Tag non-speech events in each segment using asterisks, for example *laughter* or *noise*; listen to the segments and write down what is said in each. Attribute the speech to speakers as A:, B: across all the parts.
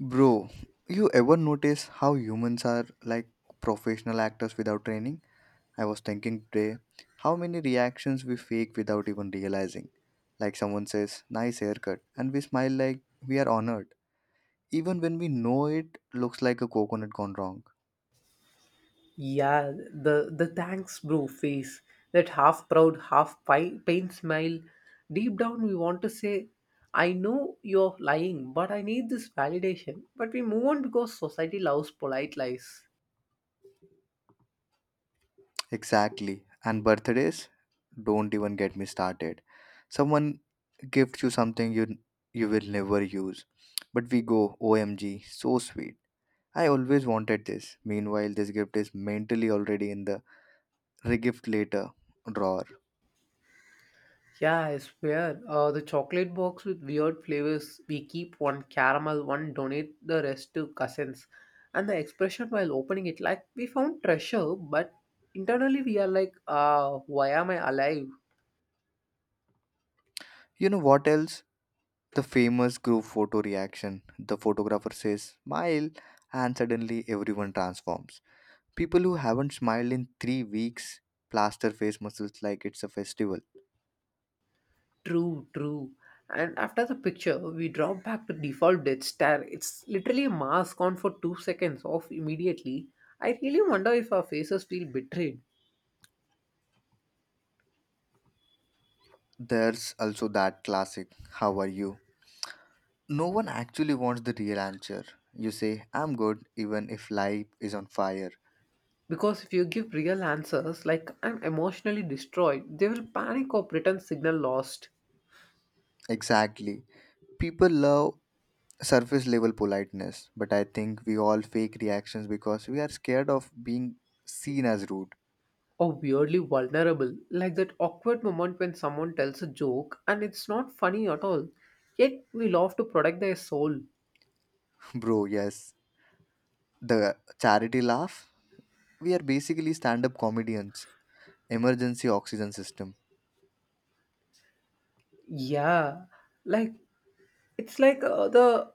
A: Bro, you ever notice how humans are like professional actors without training? I was thinking today how many reactions we fake without even realizing. Like someone says, nice haircut, and we smile like we are honored, even when we know it looks like a coconut gone wrong.
B: Yeah, the thanks bro face, that half proud, pain smile. Deep down, we want to say, "I know you're lying, but I need this validation." But we move on because society loves polite lies.
A: Exactly. And birthdays? Don't even get me started. Someone gifts you something you will never use, but we go, OMG, so sweet I always wanted this. Meanwhile, this gift is mentally already in the regift later drawer.
B: Yeah, I swear. The chocolate box with weird flavors. We keep one caramel, one donate the rest to cousins. And the expression while opening it, like we found treasure, but internally we are like, why am I alive?
A: You know what else? The famous group photo reaction. The photographer says, smile, and suddenly everyone transforms. People who haven't smiled in 3 weeks plaster face muscles like it's a festival.
B: True, true. And after the picture, we drop back to default death stare. It's literally a mask on for 2 seconds off immediately. I really wonder if our faces feel betrayed.
A: There's also that classic, how are you? No one actually wants the real answer. You say, I'm good, even if life is on fire.
B: Because if you give real answers like I'm emotionally destroyed, they will panic or pretend signal lost.
A: Exactly. People love surface level politeness, but I think we all fake reactions because we are scared of being seen as rude.
B: Or weirdly vulnerable, like that awkward moment when someone tells a joke and it's not funny at all. Yet we love to protect their soul.
A: *laughs* Bro, yes. The charity laugh? We are basically stand up comedians. Emergency oxygen system.
B: Yeah, like it's like the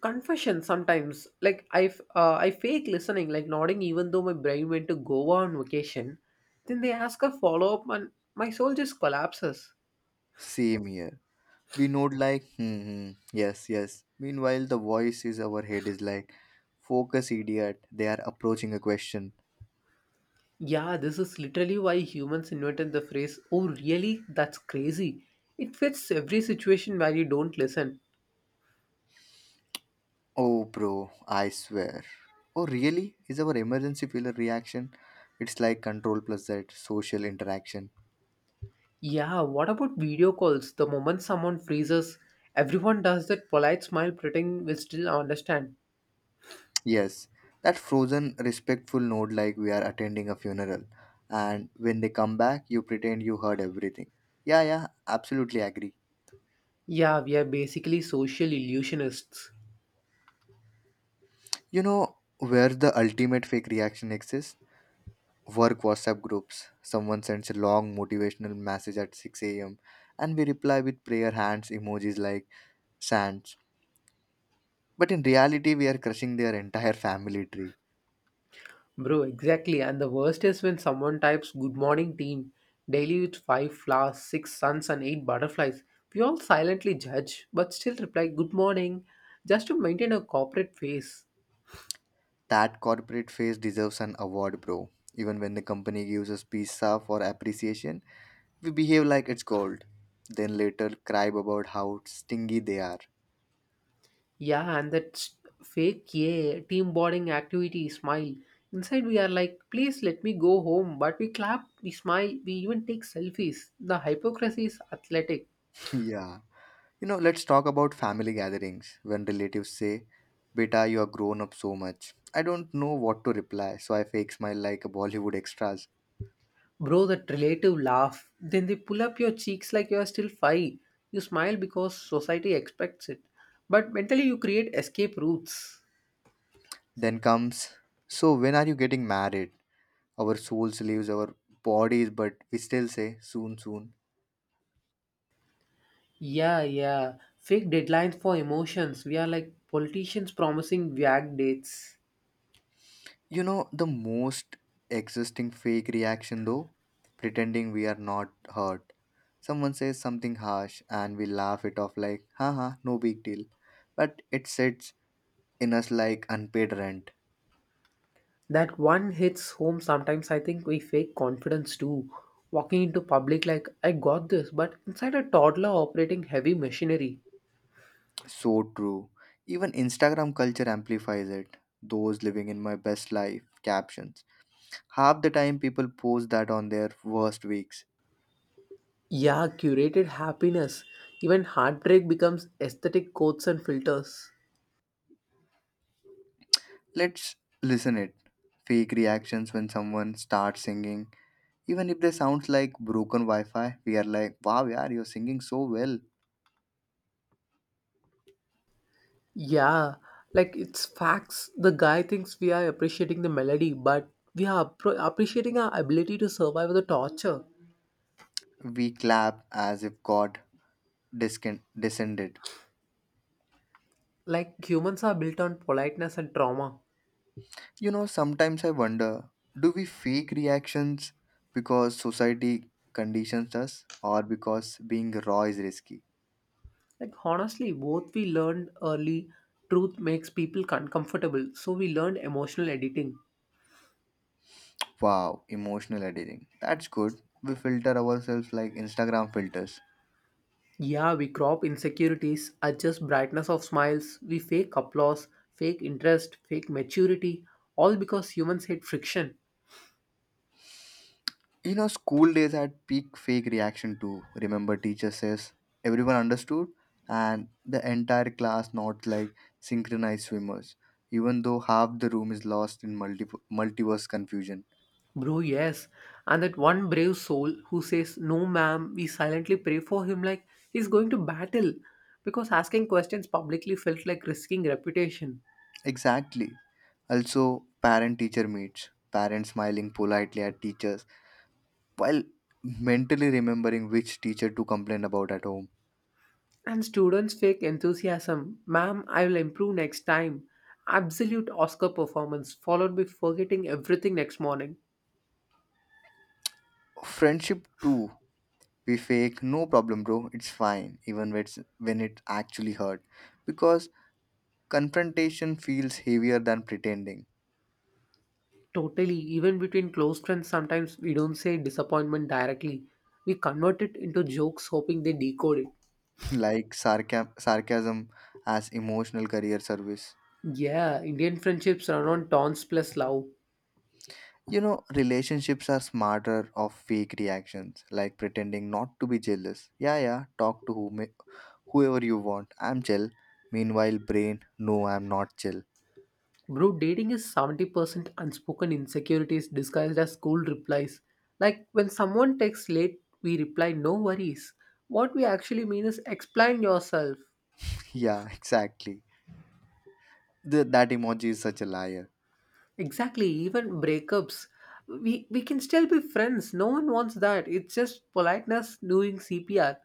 B: confession sometimes, like I fake listening, like nodding even though my brain went to goa on vacation. Then they ask a follow up and my soul just collapses.
A: Same here. We nod like, hmm, hmm, yes, yes. Meanwhile, the voice is our head is like, focus, idiot. They are approaching a question.
B: Yeah, this is literally why humans invented the phrase oh really that's crazy. It fits every situation where you don't listen.
A: Oh, bro, I swear. Oh, really? Is our emergency failure reaction? It's like control plus that social interaction.
B: Yeah, what about video calls? The moment someone freezes everyone does that polite smile pretending we still understand.
A: Yes, that frozen, respectful nod like we are attending a funeral. And when they come back, you pretend you heard everything. Yeah, yeah, absolutely agree.
B: Yeah, we are basically social illusionists.
A: You know where the ultimate fake reaction exists? Work WhatsApp groups. Someone sends a long motivational message at 6 a.m. and we reply with prayer hands emojis like sands. But in reality, we are crushing their entire family tree.
B: Bro, exactly. And the worst is when someone types good morning team daily with five flowers, six suns, and eight butterflies. We all silently judge, but still reply good morning just to maintain a corporate face.
A: That corporate face deserves an award, bro. Even when the company gives us pizza for appreciation, we behave like it's gold, then later cry about how stingy they are.
B: Yeah, and fake yeah, team bonding activity smile. Inside, we are like, please let me go home, but we clap, we smile, we even take selfies. The hypocrisy is athletic.
A: *laughs* Yeah. You know, let's talk about family gatherings when relatives say, Beta, you are grown up so much. I don't know what to reply, so I fake smile like a Bollywood extras.
B: Bro, that relative laugh. Then they pull up your cheeks like you are still five. You smile because society expects it. But mentally, you create escape routes.
A: Then comes, so when are you getting married? Our souls leaves our bodies, but we still say, soon, soon.
B: Yeah, yeah. Fake deadlines for emotions. We are like politicians promising vague dates.
A: You know, the most existing fake reaction though, pretending we are not hurt. Someone says something harsh and we laugh it off like, haha, no big deal. But it sits in us like unpaid rent.
B: That one hits home sometimes. I think we fake confidence too. Walking into public like, I got this, but inside a toddler operating heavy machinery.
A: So true. Even Instagram culture amplifies it. Those living in my best life captions. Half the time people post that on their worst weeks.
B: Yeah, curated happiness. Even heartbreak becomes aesthetic codes and filters.
A: Let's listen it. Fake reactions when someone starts singing, even if they sounds like broken wi-fi, we are like, wow, yeah, you're singing so well.
B: Yeah, like it's facts. The guy thinks we are appreciating the melody, but we are appreciating our ability to survive the torture.
A: We clap as if god descended.
B: Like humans are built on politeness and trauma.
A: You know, sometimes I wonder, do we fake reactions because society conditions us, or because being raw is risky?
B: Like honestly, both we learned early. Truth makes people uncomfortable, so we learned emotional editing.
A: Wow, emotional editing, that's good. We filter ourselves like Instagram filters.
B: Yeah, we crop insecurities, adjust brightness of smiles, we fake applause, fake interest, fake maturity, all because humans hate friction.
A: You know, school days had peak fake reaction too. Remember, teacher says everyone understood, and the entire class not like synchronized swimmers, even though half the room is lost in multiverse confusion.
B: Bro, yes. And that one brave soul who says, No, ma'am, we silently pray for him like he's going to battle. Because asking questions publicly felt like risking reputation.
A: Exactly. Also, parent teacher meets, parents smiling politely at teachers while mentally remembering which teacher to complain about at home.
B: And students' fake enthusiasm, Ma'am, I will improve next time. Absolute Oscar performance, followed by forgetting everything next morning.
A: Friendship too. We fake, no problem, bro, it's fine, even when it actually hurt. Because confrontation feels heavier than pretending.
B: Totally, even between close friends, sometimes we don't say disappointment directly. We convert it into jokes, hoping they decode it.
A: *laughs* Like sarcasm as emotional career service.
B: Yeah, Indian friendships run on taunts plus love.
A: You know, relationships are smarter of fake reactions, like pretending not to be jealous. Yeah, yeah, talk to whoever you want. I'm chill. Meanwhile, brain, no, I'm not chill.
B: Bro, dating is 70% unspoken insecurities disguised as cool replies. Like when someone texts late, we reply, no worries. What we actually mean is explain yourself.
A: *laughs* Yeah, exactly. That emoji is such a liar.
B: Exactly, even breakups. We can still be friends. No one wants that. It's just politeness doing CPR.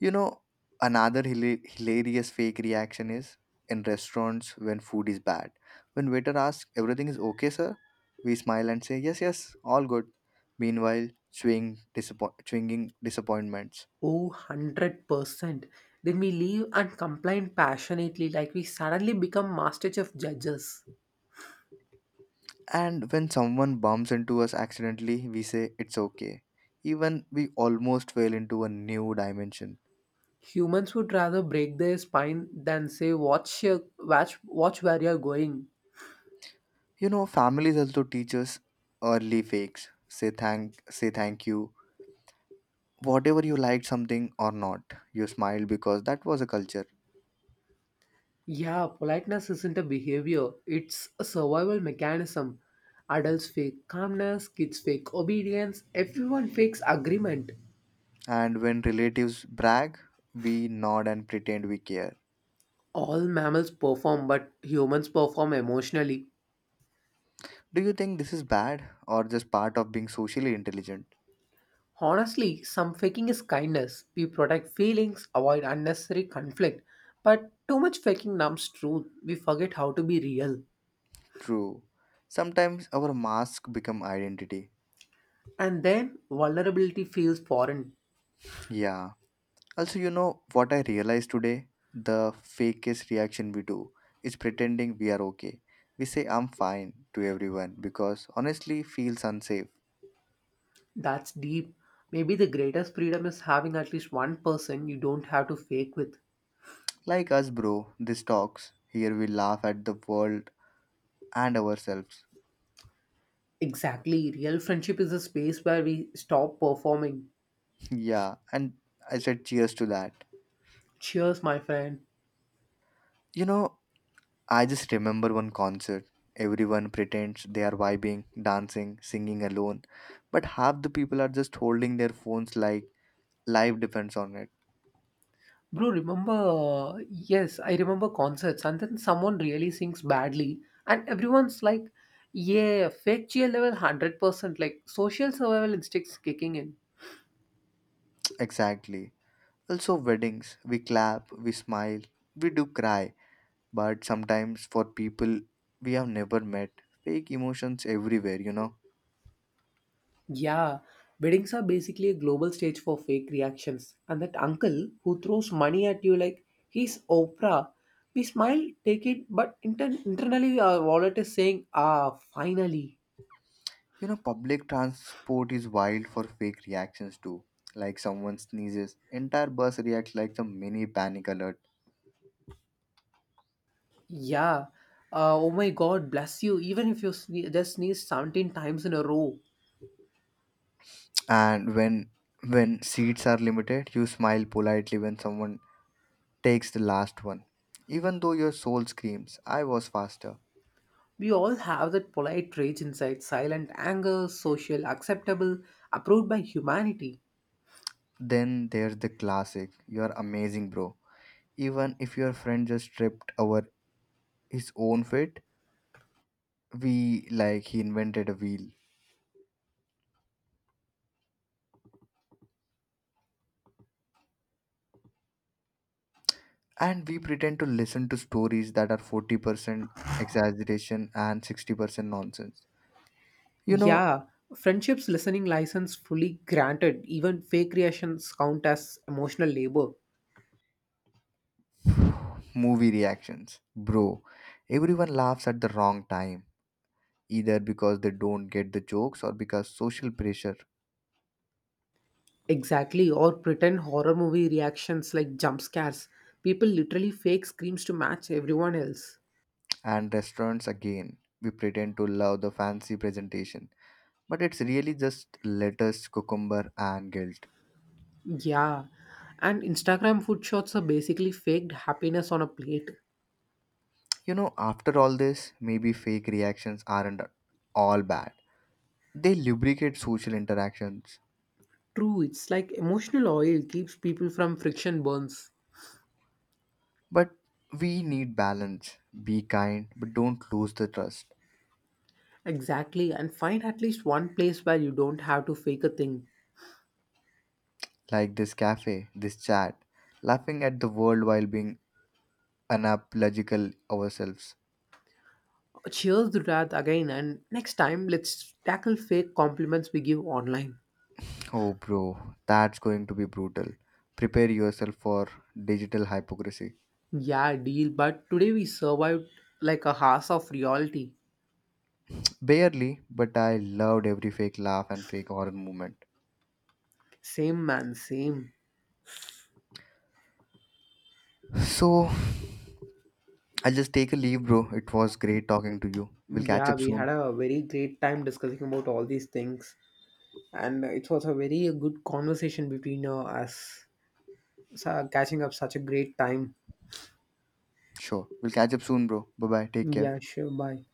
A: You know, another hilarious fake reaction is in restaurants when food is bad. When waiter asks, everything is okay, sir? We smile and say, yes, yes, all good. Meanwhile, chewing disappointments.
B: Oh, 100%. Then we leave and complain passionately like we suddenly become master chef judges.
A: And when someone bumps into us accidentally, we say, it's okay. Even we almost fell into a new dimension.
B: Humans would rather break their spine than say watch your watch watch where you're going.
A: You know, families also teach us early fakes. Say thank you whatever you liked something or not, you smiled because that was a culture.
B: Yeah, politeness isn't a behavior, it's a survival mechanism. Adults fake calmness, kids fake obedience, everyone fakes agreement.
A: And when relatives brag, we nod and pretend we care.
B: All mammals perform, but humans perform emotionally.
A: Do you think this is bad or just part of being socially intelligent?
B: Honestly, some faking is kindness. We protect feelings, avoid unnecessary conflict. But too much faking numbs truth. We forget how to be real.
A: True, sometimes our mask become identity.
B: And then vulnerability feels foreign.
A: Yeah, also, you know what I realized today? The fakest reaction we do is pretending we are okay. We say I'm fine to everyone because honestly feels unsafe.
B: That's deep. Maybe the greatest freedom is having at least one person you don't have to fake with.
A: Like us, bro, this talks here, we laugh at the world and ourselves.
B: Exactly. Real friendship is a space where we stop performing.
A: *laughs* Yeah, and I said cheers to that.
B: Cheers, my friend.
A: You know, I just remember one concert. Everyone pretends they are vibing, dancing, singing alone, but half the people are just holding their phones like life depends on it.
B: Bro, remember? Yes, I remember concerts, and then someone really sings badly, and everyone's like, yeah, fake cheer level 100%, like social survival instincts kicking in.
A: *tsk* Exactly. Also, weddings, we clap, we smile, we do cry, but sometimes for people we have never met, fake emotions everywhere, you know.
B: Yeah, weddings are basically a global stage for fake reactions. And that uncle who throws money at you like he's Oprah, we smile, take it, but internally our wallet is saying, ah, finally.
A: You know, public transport is wild for fake reactions too. Like someone sneezes, entire bus reacts like the mini panic alert.
B: Yeah, oh my god, bless you, even if you just sneeze 17 times in a row.
A: And when seats are limited, you smile politely when someone takes the last one. Even though your soul screams, I was faster.
B: We all have that polite rage inside, silent anger, social, acceptable, approved by humanity.
A: Then there's the classic, you're amazing, bro. Even if your friend just tripped over his own feet, we like he invented a wheel. And we pretend to listen to stories that are 40% exaggeration and 60% nonsense. You know,
B: Yeah, friendship's listening license fully granted. Even fake reactions count as emotional labor.
A: movie reactions. Bro, everyone laughs at the wrong time, either because they don't get the jokes or because social pressure.
B: Exactly, or pretend horror movie reactions like jump scares. People literally fake screams to match everyone else.
A: And restaurants again. We pretend to love the fancy presentation, but it's really just lettuce, cucumber, and guilt.
B: Yeah, and Instagram food shots are basically faked happiness on a plate.
A: You know, after all this, maybe fake reactions aren't all bad. They lubricate social interactions.
B: True, it's like emotional oil keeps people from friction burns.
A: But we need balance. Be kind, but don't lose the trust.
B: Exactly, and find at least one place where you don't have to fake a thing.
A: Like this cafe, this chat, laughing at the world while being unapological ourselves.
B: Cheers to that again, and next time let's tackle fake compliments we give online.
A: Oh, bro, that's going to be brutal. Prepare yourself for digital hypocrisy.
B: Yeah, deal, but today we survived like a house of reality.
A: Barely, but I loved every fake laugh and fake horror moment.
B: Same man, same.
A: So, I'll just take a leave, bro. It was great talking to you. We'll catch
B: Yeah,
A: up
B: we
A: soon.
B: had a very great time discussing about all these things, and it was a very good conversation between us. So, catching up such a great time.
A: Sure. We'll catch up soon, bro. Bye bye. Take care.
B: Yeah, sure, bye.